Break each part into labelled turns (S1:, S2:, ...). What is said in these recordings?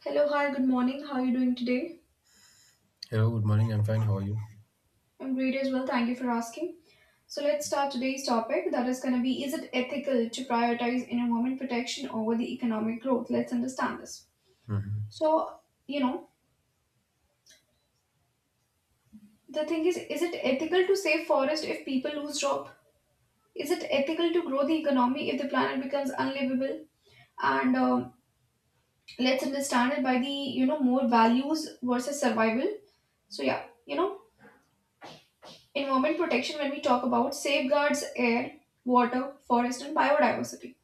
S1: Hello, hi, good morning. How are you doing today?
S2: Hello, good morning. I'm fine. How are you?
S1: I'm great as well. Thank you for asking. So let's start today's topic that is going to be is it ethical to prioritize environment protection over the economic growth? Let's understand this.
S2: hmm
S1: So, you know, the thing is it ethical to save forest if people lose job? Is it ethical to grow the economy if the planet becomes unlivable? And Let's understand it by the more values versus survival. So yeah, you know, environment protection, when we talk about safeguards air, water, forest, and biodiversity.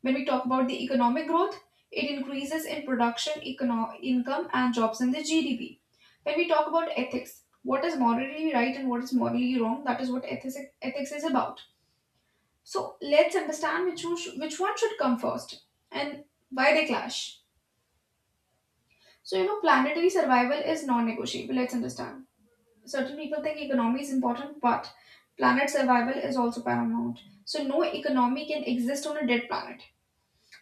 S1: When we talk about the economic growth, it increases in production, income, and jobs in the GDP. When we talk about ethics, what is morally right and what is morally wrong, that is what ethics is about. So let's understand which one should come first and why they clash. So, planetary survival is non negotiable. Let's understand. Certain people think economy is important, but planet survival is also paramount. So no economy can exist on a dead planet.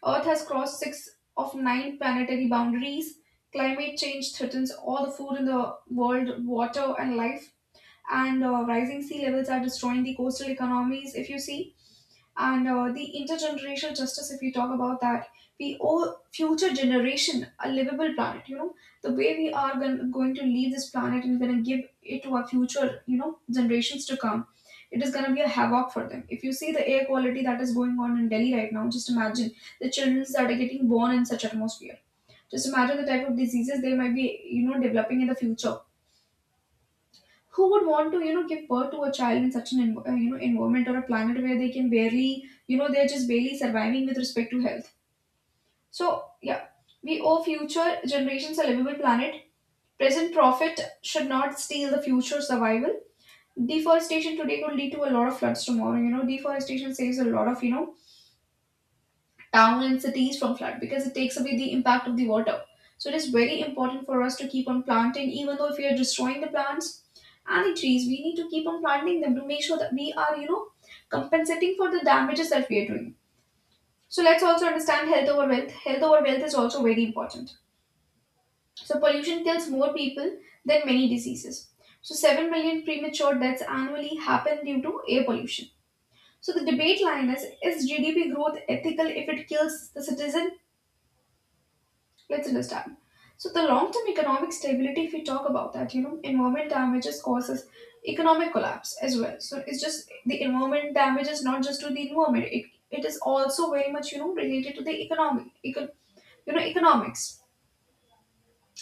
S1: Earth has crossed six of nine planetary boundaries. Climate change threatens all the food in the world, water, and life. And Rising sea levels are destroying the coastal economies, if you see. And The intergenerational justice, if we talk about that, we owe future generation a livable planet. The way we are going to leave this planet and going to give it to our future, generations to come, it is going to be a havoc for them. If you see the air quality that is going on in Delhi right now, just imagine the children that are getting born in such atmosphere. Just imagine the type of diseases they might be developing in the future. Who would want to give birth to a child in such an environment or a planet where they can barely, they're just barely surviving with respect to health? So yeah, we owe future generations a livable planet. Present profit should not steal the future survival. Deforestation today could lead to a lot of floods tomorrow. Deforestation saves a lot of town and cities from flood, because it takes away the impact of the water. So it is very important for us to keep on planting. Even though if we are destroying the plants and the trees, we need to keep on planting them to make sure that we are, you know, compensating for the damages that we are doing. So let's also understand health over wealth. Health over wealth is also very important. So pollution kills more people than many diseases. So 7 million premature deaths annually happen due to air pollution. So the debate line is GDP growth ethical if it kills the citizen? Let's understand. So the long-term economic stability, if we talk about that, you know, environment damages causes economic collapse as well. So it's just the environment damage is not just to the environment; it is also very much, you know, related to the economics.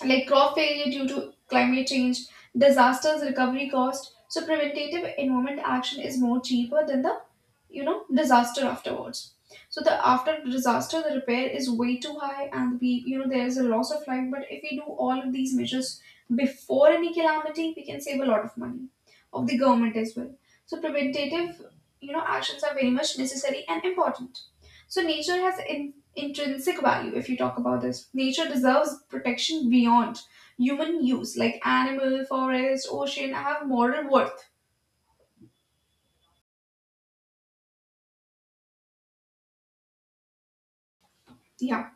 S1: Like crop failure due to climate change, disasters, recovery cost. So preventative environment action is more cheaper than the disaster afterwards. So the after disaster, the repair is way too high, and we, you know, there is a loss of life. But if we do all of these measures before any calamity, we can save a lot of money of the government as well. So preventative, actions are very much necessary and important. So nature has intrinsic value, if you talk about this. Nature deserves protection beyond human use, like animal, forest, ocean have moral worth. Yeah.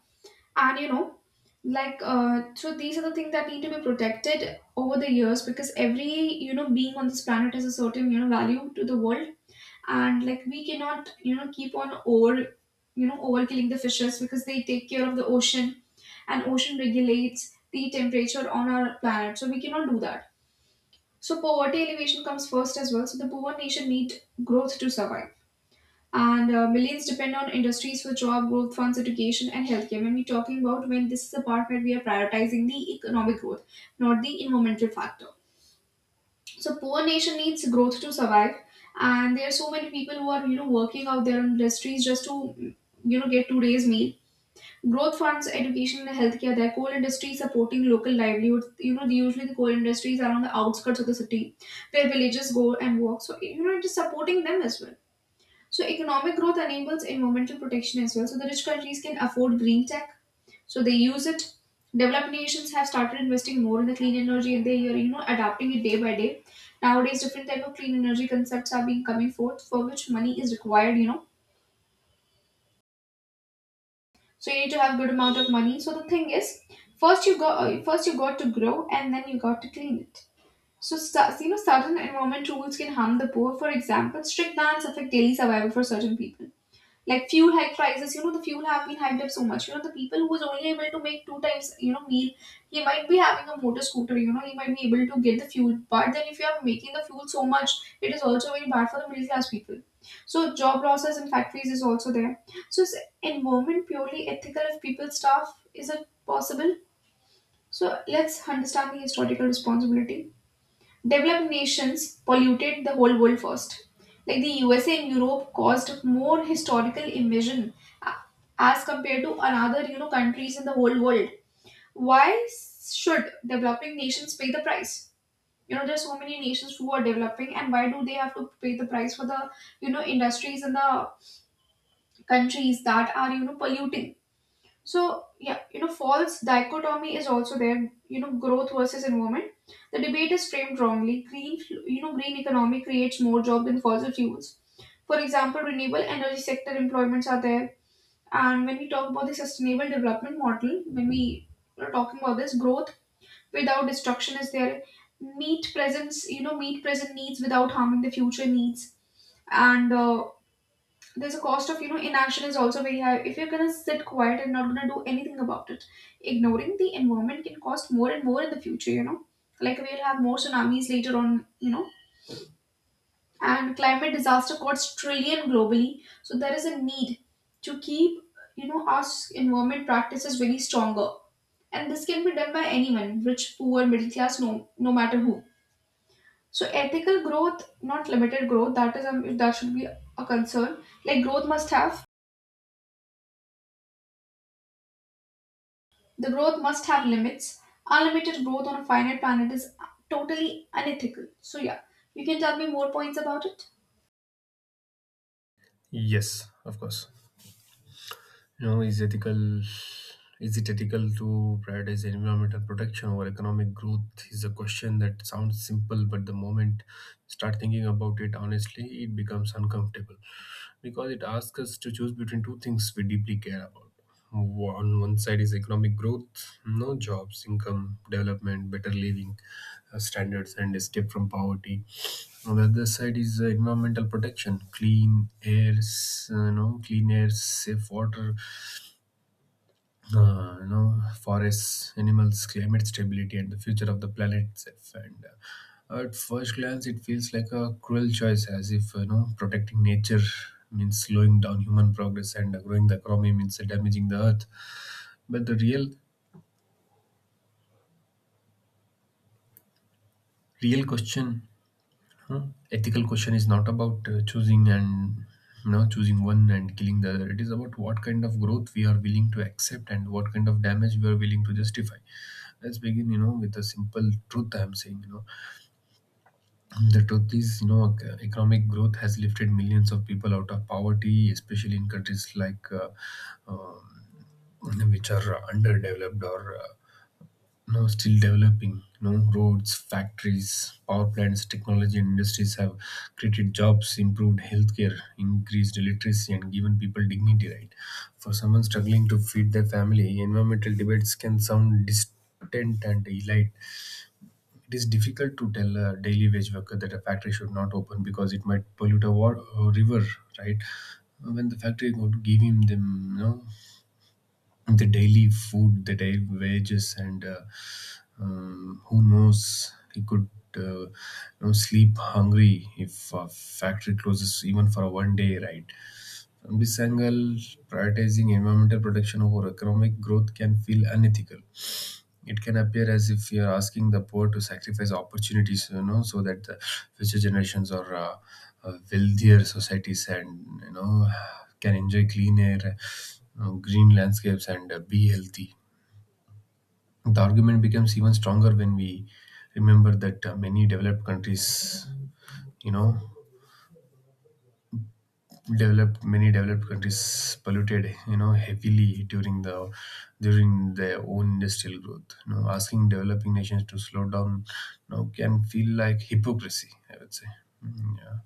S1: and you know like so These are the things that need to be protected over the years, because every, you know, being on this planet has a certain, you know, value to the world. And like we cannot, you know, keep on overkilling the fishes, because they take care of the ocean, and ocean regulates the temperature on our planet, so we cannot do that. So poverty elevation comes first as well. So the poor nation need growth to survive. And Millions depend on industries for job growth, funds, education, and healthcare. When we're talking about, when this is the part where we are prioritizing the economic growth, not the environmental factor. So poor nation needs growth to survive, and there are so many people who are, you know, working out their industries just to, get today's meal. Growth funds, education, and healthcare. Their coal industry supporting local livelihoods. You know, usually the coal industries are on the outskirts of the city, where villagers go and work. So you know, it is supporting them as well. So economic growth enables environmental protection as well. So the rich countries can afford green tech, so they use it. Developed nations have started investing more in the clean energy, and they are, you know, adapting it day by day. Nowadays, different type of clean energy concepts are being coming forth, for which money is required. You know, so you need to have good amount of money. So the thing is, first you got to grow, and then you got to clean it. So, you know, certain environment rules can harm the poor. For example, strict bans affect daily survival for certain people. Like fuel hike prices. The fuel have been hiked up so much. The people who was only able to make two times, meal, he might be having a motor scooter. He might be able to get the fuel, but then if you are making the fuel so much, it is also very bad for the middle class people. So job losses in factories is also there. So is environment purely ethical if people starve? Is it possible? So let's understand the historical responsibility. Developed nations polluted the whole world first. Like the USA and Europe caused more historical emission uh, as compared to another, you know, countries in the whole world. Why should developing nations pay the price? You know, there's so many nations who are developing, and why do they have to pay the price for the, you know, industries and the countries that are, you know, polluting? So, yeah, you know, false dichotomy is also there, you know, growth versus environment. The debate is framed wrongly. You know, green economy creates more jobs than fossil fuels. For example, renewable energy sector employments are there. And when we talk about the sustainable development model, when we are talking about this, growth without destruction is there. Meet presence, you know, Meet present needs without harming the future needs. And There's a cost of, you know, inaction is also very high if you're gonna sit quiet and not gonna do anything about it. Ignoring the environment can cost more and more in the future, you know, like we'll have more tsunamis later on, you know. And climate disaster costs trillion globally, so there is a need to keep, our environment practices very stronger. And this can be done by anyone, rich, poor, middle class, no matter who. So ethical growth, not limited growth, that is that should be a concern. Like growth must have the growth must have limits. Unlimited growth on a finite planet is totally unethical. So, yeah, you can tell me more points about it?
S2: Yes, of course. You know, is ethical is it ethical to prioritize environmental protection over economic growth is a question that sounds simple, but the moment you start thinking about it honestly, it becomes uncomfortable because it asks us to choose between two things we deeply care about. On one side is economic growth, no jobs, income, development, better living standards, and escape from poverty. On the other side is environmental protection, clean airs, clean air, safe water, forests, animals, climate stability, and the future of the planet itself. And at first glance, it feels like a cruel choice, as if, you know, protecting nature means slowing down human progress, and growing the economy means damaging the earth. But the real question. Huh? Ethical question is not about choosing one and killing the other. It is about what kind of growth we are willing to accept and what kind of damage we are willing to justify. Let's begin, you know, with a simple truth. I am saying, you know, the truth is, you know, economic growth has lifted millions of people out of poverty, especially in countries like. Um, which are underdeveloped or no, still developing. No roads, factories, power plants, technology, and industries have created jobs, improved healthcare, increased literacy, and given people dignity. Right? For someone struggling to feed their family, environmental debates can sound distant and elite. It is difficult to tell a daily wage worker that a factory should not open because it might pollute a, a river. Right? When the factory would give him them, you know, the daily food, the daily wages, and who knows? He could you know, sleep hungry if a factory closes even for one day, right? From this angle, prioritizing environmental protection over economic growth can feel unethical. It can appear as if you're asking the poor to sacrifice opportunities, you know, so that the future generations or wealthier societies, and you know, can enjoy clean air, green landscapes, and be healthy. The argument becomes even stronger when we remember that many developed countries, you know, developed many developed countries polluted, you know, heavily during the during their own industrial growth. You know, asking developing nations to slow down, you know, can feel like hypocrisy, I would say. Mm, yeah.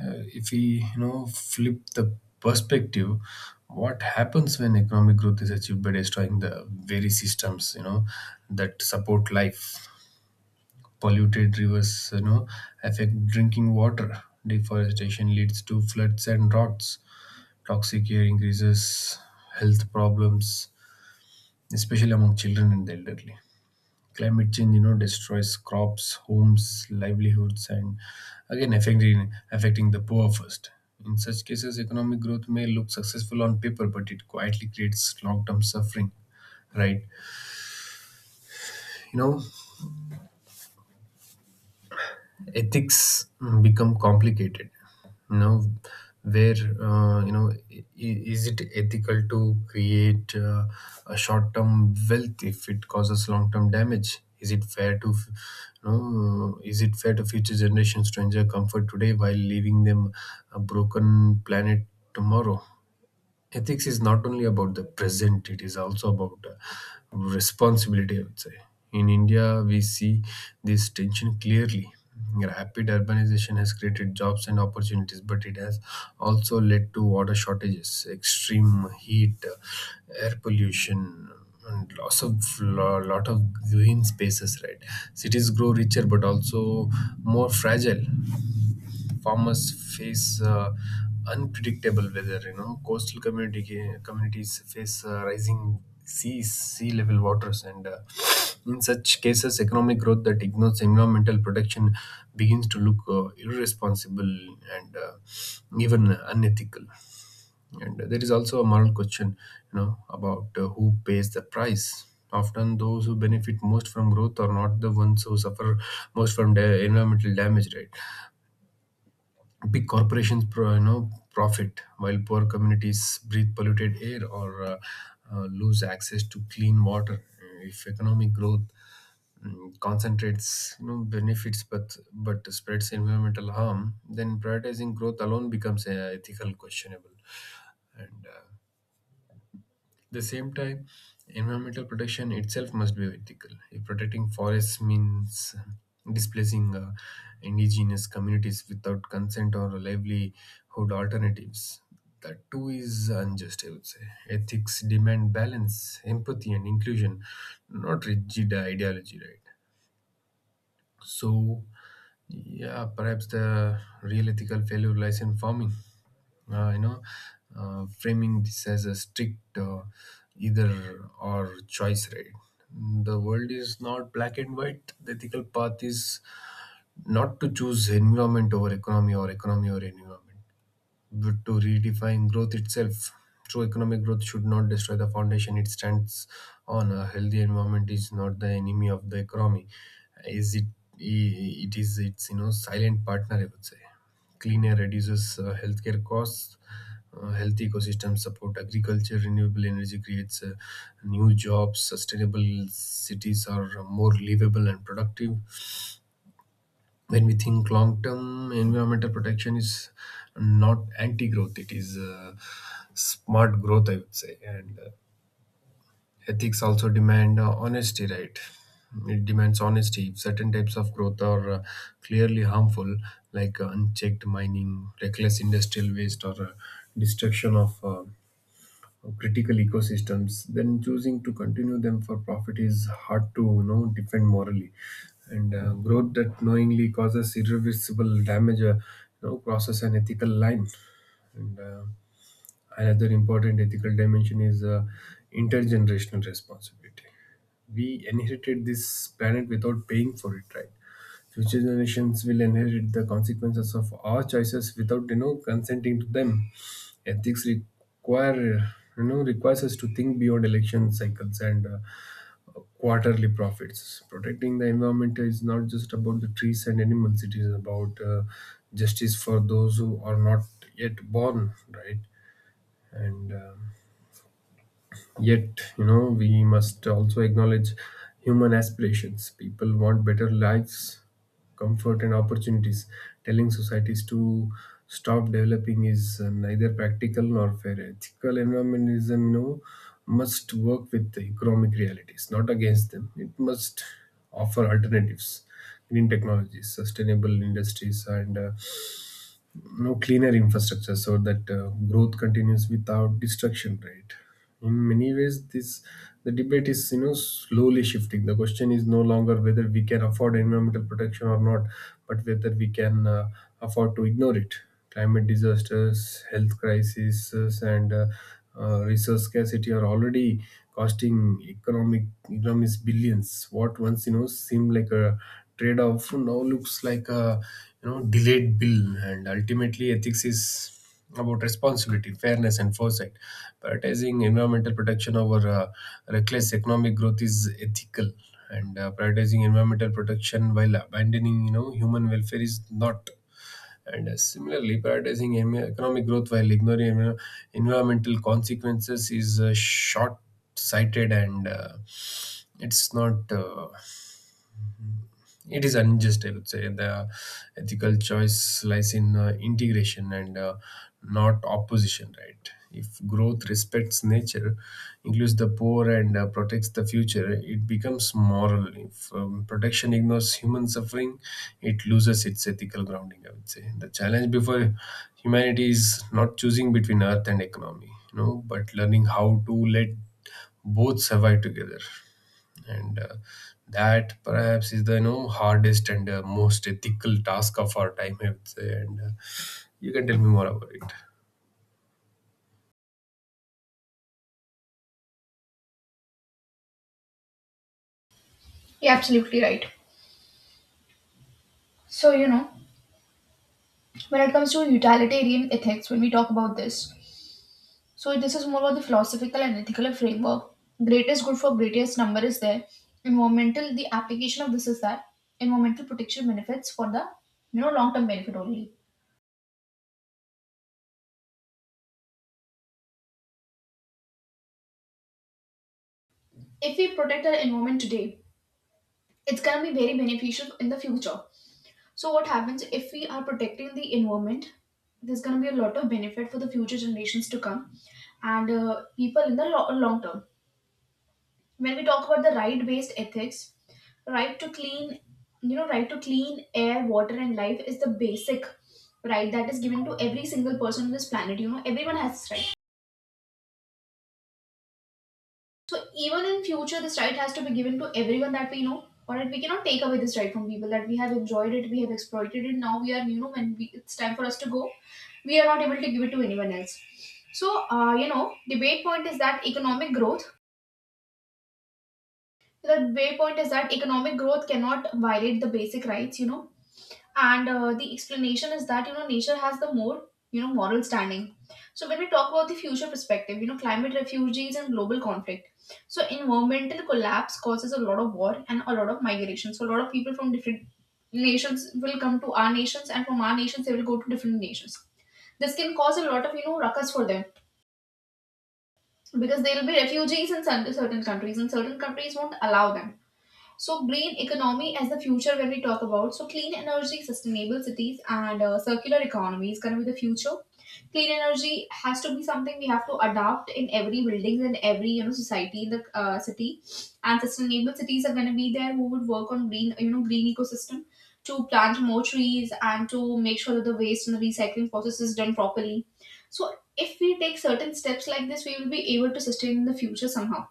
S2: Uh, if we, you know, flip the perspective, what happens when economic growth is achieved by destroying the very systems, you know, that support life? Polluted rivers, you know, affect drinking water. Deforestation leads to floods and droughts. Toxic air increases health problems, especially among children and the elderly. Climate change, you know, destroys crops, homes, livelihoods, and again affecting the poor first. In such cases, economic growth may look successful on paper, but it quietly creates long-term suffering, right? You know, ethics become complicated, you know, where is it ethical to create a short term wealth if it causes long term damage? Is it fair to is it fair to future generations to enjoy comfort today while leaving them a broken planet tomorrow? Ethics is not only about the present; it is also about responsibility, I would say. In India, we see this tension clearly. Rapid urbanization has created jobs and opportunities, but it has also led to water shortages, extreme heat, air pollution, and loss of lot of green spaces, right? Cities grow richer but also more fragile. Farmers face unpredictable weather. You know, coastal community communities face rising seas, sea level waters, and in such cases, economic growth that ignores environmental protection begins to look irresponsible and even unethical. And there is also a moral question, you know, about who pays the price. Often, those who benefit most from growth are not the ones who suffer most from environmental damage, right? Big corporations you know, profit while poor communities breathe polluted air or lose access to clean water. If economic growth concentrates, you know, benefits but spreads environmental harm, then prioritizing growth alone becomes ethical questionable. And the same time, environmental protection itself must be ethical. If protecting forests means displacing indigenous communities without consent or livelihood alternatives, that too is unjust, I would say. Ethics demand balance, empathy, and inclusion, not rigid ideology, right? So, yeah, perhaps the real ethical failure lies in farming, uh, you know framing this as a strict either or choice, right? The world is not black and white. The ethical path is not to choose environment over economy or economy or environment, but to redefine growth itself. True economic growth should not destroy the foundation it stands on. A healthy environment is not the enemy of the economy. Is it? It is its, you know, silent partner, I would say. Clean air reduces healthcare costs. Healthy ecosystems support agriculture. Renewable energy creates new jobs. Sustainable cities are more livable and productive. When we think long term, environmental protection is not anti growth; it is smart growth, I would say. And ethics also demand honesty, right? It demands honesty. If certain types of growth are clearly harmful, like unchecked mining, reckless industrial waste, or destruction of critical ecosystems, then choosing to continue them for profit is hard to, you know, defend morally. And growth that knowingly causes irreversible damage, you know, crosses an ethical line. And another important ethical dimension is intergenerational responsibility. We inherited this planet without paying for it, right? Future generations will inherit the consequences of our choices without, you know, consenting to them. Ethics requires us to think beyond election cycles and quarterly profits. Protecting the environment is not just about the trees and animals; it is about justice for those who are not yet born, right? and Yet, you know, we must also acknowledge human aspirations. People want better lives, comfort, and opportunities. Telling societies to stop developing is neither practical nor fair. Ethical environmentalism, you know, must work with the economic realities, not against them. It must offer alternatives, green technologies, sustainable industries, and no cleaner infrastructure so that growth continues without destruction, right? In many ways, this the debate is, you know, slowly shifting. The question is no longer whether we can afford environmental protection or not, but whether we can afford to ignore it. Climate disasters, health crises, and resource scarcity are already costing economic economies billions. What once, you know, seemed like a trade-off now looks like a, you know, delayed bill. And ultimately, ethics is about responsibility, fairness, and foresight. Prioritizing environmental protection over reckless economic growth is ethical, and prioritizing environmental protection while abandoning, you know, human welfare is not. And similarly, prioritizing economic growth while ignoring environmental consequences is short sighted and it's not. It is unjust, I would say. The ethical choice lies in integration and not opposition, right? If growth respects nature, includes the poor, and protects the future, it becomes moral. If protection ignores human suffering, it loses its ethical grounding, I would say. The challenge before humanity is not choosing between earth and economy, you know, but learning how to let both survive together, and that perhaps is the, you know, hardest and most ethical task of our time, I would say. And you can tell me more about it.
S1: You're absolutely right. So, you know, when it comes to utilitarian ethics, when we talk about this, so this is more about the philosophical and ethical framework. Greatest good for greatest number is there. Environmental, the application of this is that environmental protection benefits for the, you know, long term benefit only. If we protect our environment today, it's going to be very beneficial in the future. So what happens if we are protecting the environment, there's going to be a lot of benefit for the future generations to come, and people in the long term. When we talk about the right based ethics, right to clean, right to clean air, water, and life is the basic right that is given to every single person on this planet. You know, everyone has this right. So even in future, this right has to be given to everyone that we know, or that we cannot take away this right from people that we have enjoyed it, we have exploited it. Now we are, you know, when we, it's time for us to go, we are not able to give it to anyone else. Debate point is that economic growth so the way point is that economic growth cannot violate the basic rights. And the explanation is that nature has the more you know moral standing. So when we talk about the future perspective, climate refugees and global conflict. So environmental collapse causes a lot of war and a lot of migration. So a lot of people from different nations will come to our nations, and from our nations they will go to different nations. This can cause a lot of ruckus for them, because they will be refugees in certain countries, and certain countries won't allow them. So, green economy as the future when we talk about. So, clean energy, sustainable cities, and circular economy is going to be the future. Clean energy has to be something we have to adopt in every building and every society in the city. And sustainable cities are going to be there who would work on green you know green ecosystem, to plant more trees and to make sure that the waste and the recycling process is done properly. So, if we take certain steps like this, we will be able to sustain in the future somehow.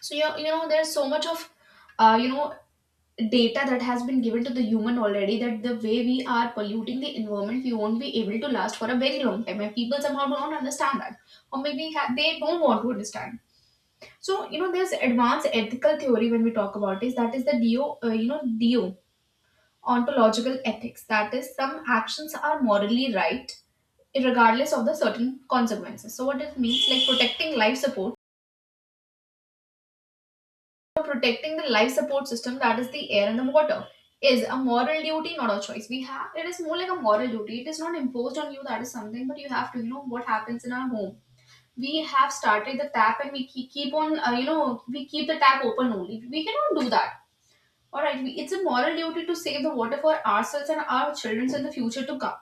S1: So, yeah, there's so much of uh, you know data that has been given to the human already, that the way we are polluting the environment, we won't be able to last for a very long time, and people somehow don't understand that, or maybe they don't want to understand. So there's advanced ethical theory when we talk about this, that is the do you know do ontological ethics, that is some actions are morally right regardless of the certain consequences. So what it means, like protecting the life support system, that is the air and the water, is a moral duty, not a choice we have. It is more like a moral duty, it is not imposed on you, that is something, but you have to what happens in our home, we have started the tap, and we keep on we keep the tap open only, we cannot do that. All right, we, it's a moral duty to save the water for ourselves and our children in the future to come.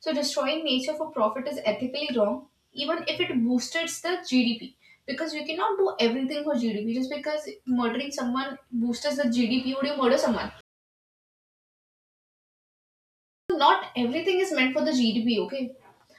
S1: So destroying nature for profit is ethically wrong, even if it boosted the GDP. Because you cannot do everything for GDP. Just because murdering someone boosts the GDP, would you murder someone? So, not everything is meant for the GDP, okay?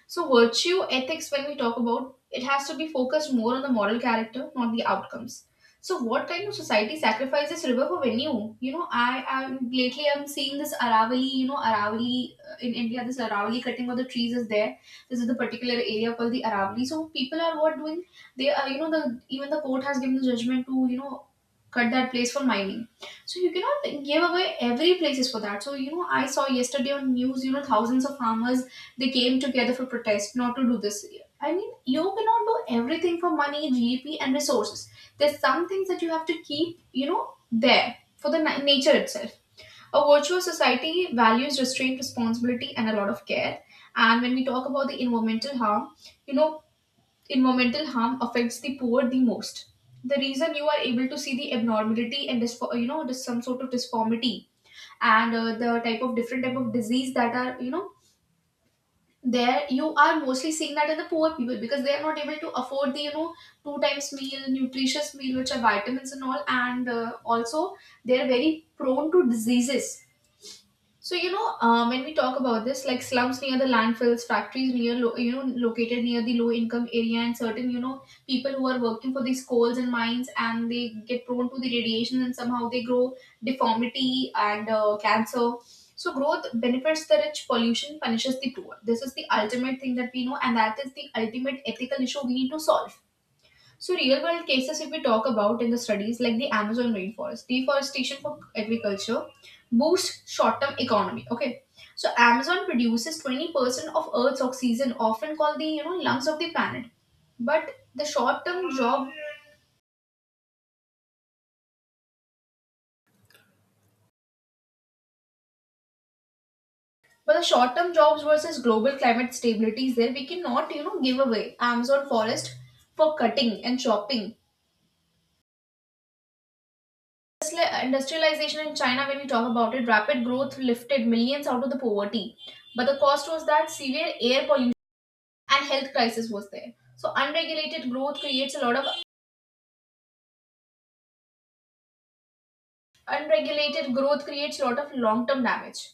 S1: So, virtue ethics, when we talk about it, has to be focused more on the moral character, not the outcomes. So, what kind of society sacrifices river for venue? You know, I am lately I'm seeing this Aravali. You know, Aravali in India, this Aravali cutting of the trees is there. This is the particular area called the Aravali. So, people are what doing? They are you know the even the court has given the judgment to cut that place for mining. So you cannot give away every places for that. So I saw yesterday on news, thousands of farmers, they came together for protest not to do this. I mean, you cannot do everything for money, GDP, and resources. There's some things that you have to keep, there for the nature itself. A virtuous society values restraint, responsibility, and a lot of care. And when we talk about the environmental harm, you know, environmental harm affects the poor the most. The reason you are able to see the abnormality and some sort of disformity, and the type of different type of disease that are there, you are mostly seeing that in the poor people, because they are not able to afford the two times meal, nutritious meal which are vitamins and all, and also they are very prone to diseases. So when we talk about this, like slums near the landfills, factories near located near the low income area, and certain people who are working for these coals and mines, and they get prone to the radiation, and somehow they grow deformity and cancer. So growth benefits the rich, pollution punishes the poor. This is the ultimate thing that we know, and that is the ultimate ethical issue we need to solve. So, real world cases, if we talk about in the studies like the Amazon rainforest, deforestation for agriculture boosts short term economy. Okay. So, Amazon produces 20% of Earth's oxygen, often called the lungs of the planet. But the short term job, but the short term jobs versus global climate stability is there. We cannot give away Amazon forest for cutting and chopping. Industrialization in China, when we talk about it, rapid growth lifted millions out of the poverty. But the cost was that severe air pollution and health crisis was there. Unregulated growth creates a lot of long-term damage.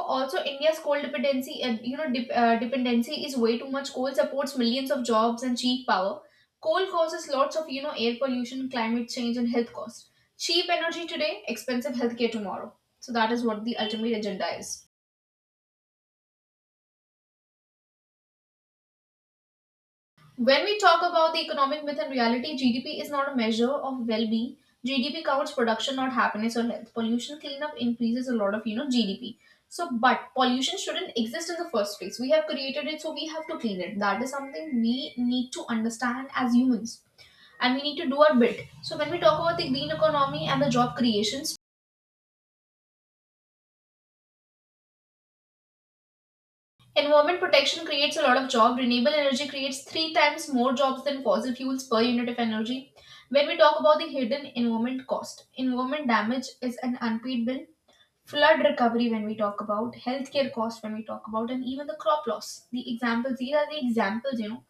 S1: Also, India's coal dependency, dependency is way too much. Coal supports millions of jobs and cheap power. Coal causes lots of, air pollution, climate change, and health costs. Cheap energy today, expensive healthcare tomorrow. So that is what the ultimate agenda is. When we talk about the economic myth and reality, GDP is not a measure of well-being. GDP counts production, not happiness or health. Pollution cleanup increases a lot of GDP. So, but pollution shouldn't exist in the first place. We have created it, so we have to clean it. That is something we need to understand as humans, and we need to do our bit. So, when we talk about the green economy and the job creation, environment protection creates a lot of job. Renewable energy creates 3 times more jobs than fossil fuels per unit of energy. When we talk about the hidden environment cost, environment damage is an unpaid bill. Flood recovery when we talk about, healthcare cost when we talk about, and even the crop loss. These are the examples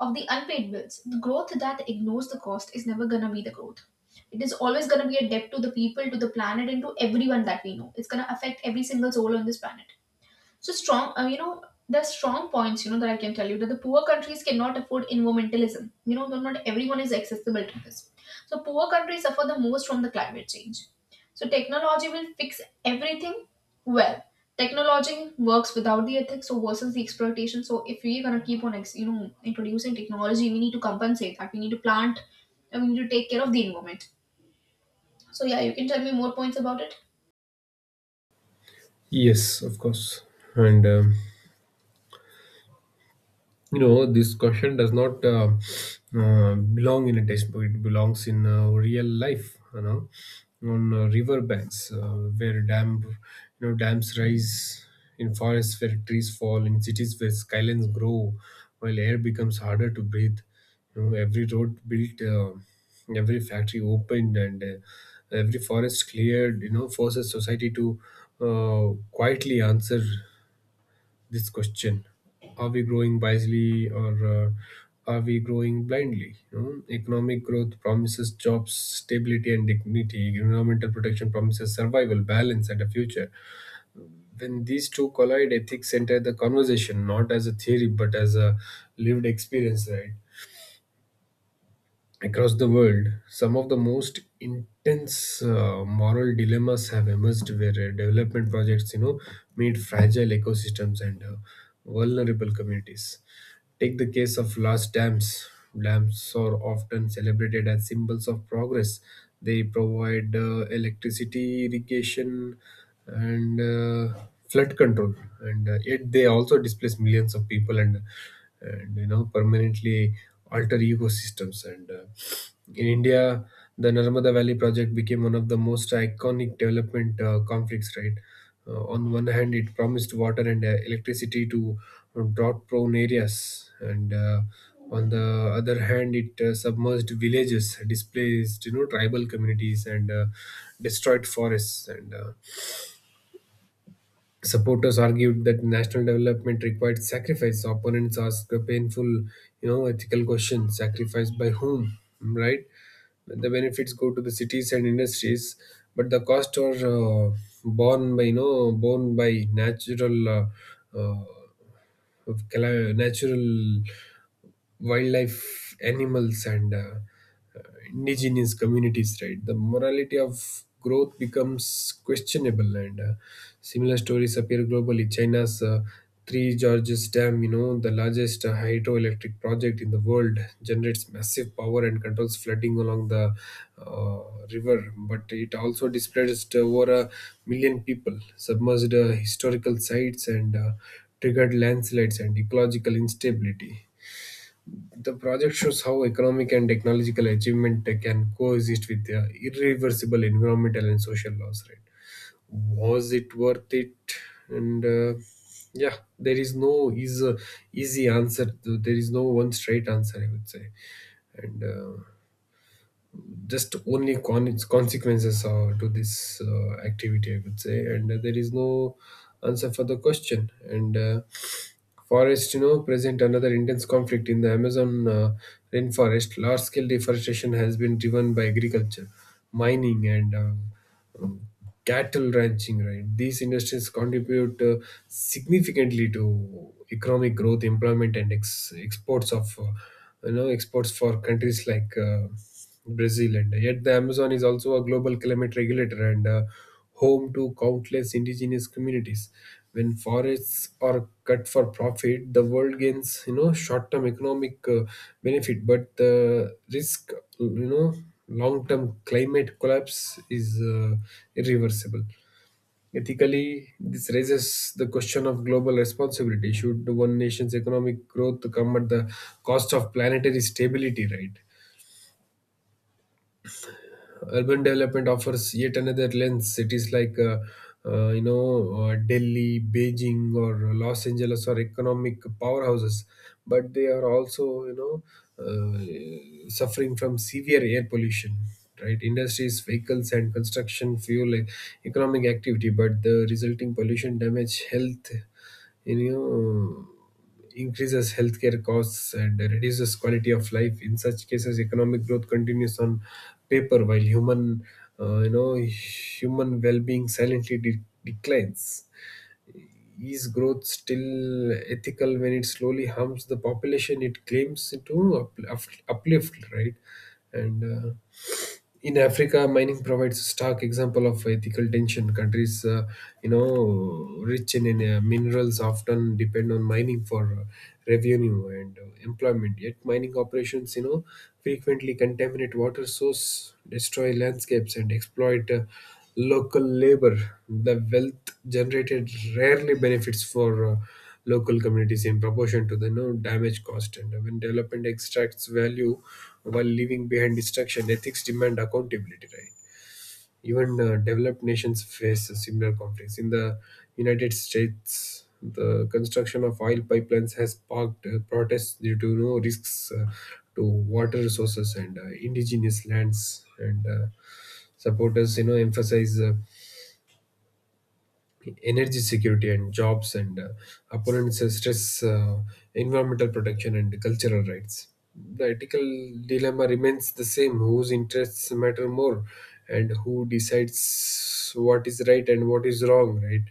S1: of the unpaid bills. The growth that ignores the cost is never gonna be the growth. It is always gonna be a debt to the people, to the planet, and to everyone that we know. It's gonna affect every single soul on this planet. So strong, there's strong points, that I can tell you, that the poor countries cannot afford environmentalism. You know, though not everyone is accessible to this. So poor countries suffer the most from the climate change. So technology will fix everything. Well, technology works without the ethics, so versus the exploitation. So if we're gonna keep on, introducing technology, we need to compensate that. We need to plant, and we need to take care of the environment. So yeah, you can tell me more points about it.
S2: Yes, of course. And You know, this question does not belong in a textbook; it belongs in real life, you know, on river banks, where dams rise, in forests where trees fall, in cities where skylines grow while air becomes harder to breathe. You know, every road built, every factory opened, and every forest cleared, you know, forces society to quietly answer this question. Are we growing wisely, or are we growing blindly? You know, economic growth promises jobs, stability, and dignity. Environmental protection promises survival, balance, and a future. When these two collide, ethics enter the conversation not as a theory but as a lived experience, right? Across the world, some of the most intense moral dilemmas have emerged where development projects, you know, meet fragile ecosystems and vulnerable communities. Take the case of large dams. Dams are often celebrated as symbols of progress. They provide electricity, irrigation, and flood control, and yet they also displace millions of people and you know, permanently alter ecosystems. And In India, the Narmada Valley project became one of the most iconic development conflicts, right? On one hand, it promised water and electricity to drought prone areas, and on the other hand, it submerged villages, displaced tribal communities, and destroyed forests. And Supporters argued that national development required sacrifice. Opponents asked a painful, ethical question: sacrifice by whom? Right? The benefits go to the cities and industries, but the cost are uh, borne by borne by natural uh, natural wildlife animals and uh, indigenous communities, right? The morality of growth becomes questionable, and similar stories appear globally. China's Three Gorges dam, the largest hydroelectric project in the world, generates massive power and controls flooding along the uh, river, but it also displaced over a million people, submerged historical sites, and triggered landslides and ecological instability. The project shows how economic and technological achievement can coexist with irreversible environmental and social loss. Right? Was it worth it? And yeah, there is no easy answer. There is no one straight answer, I would say, and. Just only consequences to this activity, I could say, and there is no answer for the question. And forests, you know, present another intense conflict in the Amazon rainforest. Large-scale deforestation has been driven by agriculture, mining, and um, cattle ranching. Right, these industries contribute significantly to economic growth, employment, and exports of, exports for countries like Brazil, and yet the Amazon is also a global climate regulator and home to countless indigenous communities. When forests are cut for profit, the world gains short-term economic benefit, but the risk you know long-term climate collapse is irreversible. Ethically, this raises the question of global responsibility. Should one nation's economic growth come at the cost of planetary stability, right? Urban development offers yet another lens. Cities like Delhi, Beijing, or Los Angeles are economic powerhouses, but they are also suffering from severe air pollution. Right, industries, vehicles, and construction fuel economic activity, but the resulting pollution damage health. You know Increases healthcare costs and reduces quality of life. In such cases, economic growth continues on paper while human well-being silently declines. Is growth still ethical when it slowly harms the population it claims to uplift, right? And in Africa, mining provides a stark example of ethical tension. Countries, rich in minerals often depend on mining for revenue and employment. Yet, mining operations, you know, frequently contaminate water source, destroy landscapes, and exploit local labor. The wealth generated rarely benefits for local communities in proportion to the damage caused. And when development extracts value while leaving behind destruction, ethics demand accountability, right? Even developed nations face similar conflicts. In the United States, the construction of oil pipelines has sparked protests due to no risks to water resources and indigenous lands, and supporters emphasize energy security and jobs, and opponents stress environmental protection and cultural rights. The ethical dilemma remains the same: whose interests matter more and who decides what is right and what is wrong, right?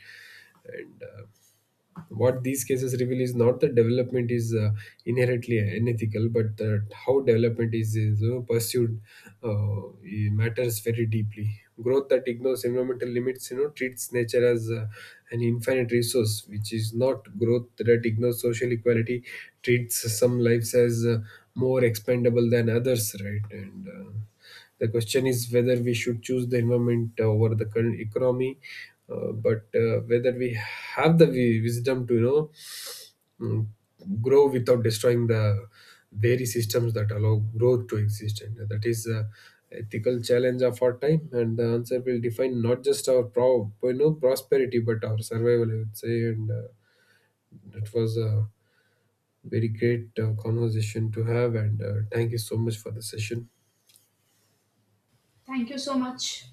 S2: and. What these cases reveal is not that development is inherently unethical, but that how development is pursued, it matters very deeply. Growth that ignores environmental limits, you know, treats nature as an infinite resource, which is not. Growth that ignores social equality treats some lives as more expendable than others, right? And the question is whether we should choose the environment over the current economy, but whether we have the wisdom to mm, grow without destroying the very systems that allow growth to exist. And that is the ethical challenge of our time. And the answer will define not just our prosperity, but our survival, I would say. And it was a very great conversation to have. And thank you so much for the session.
S1: Thank you so much.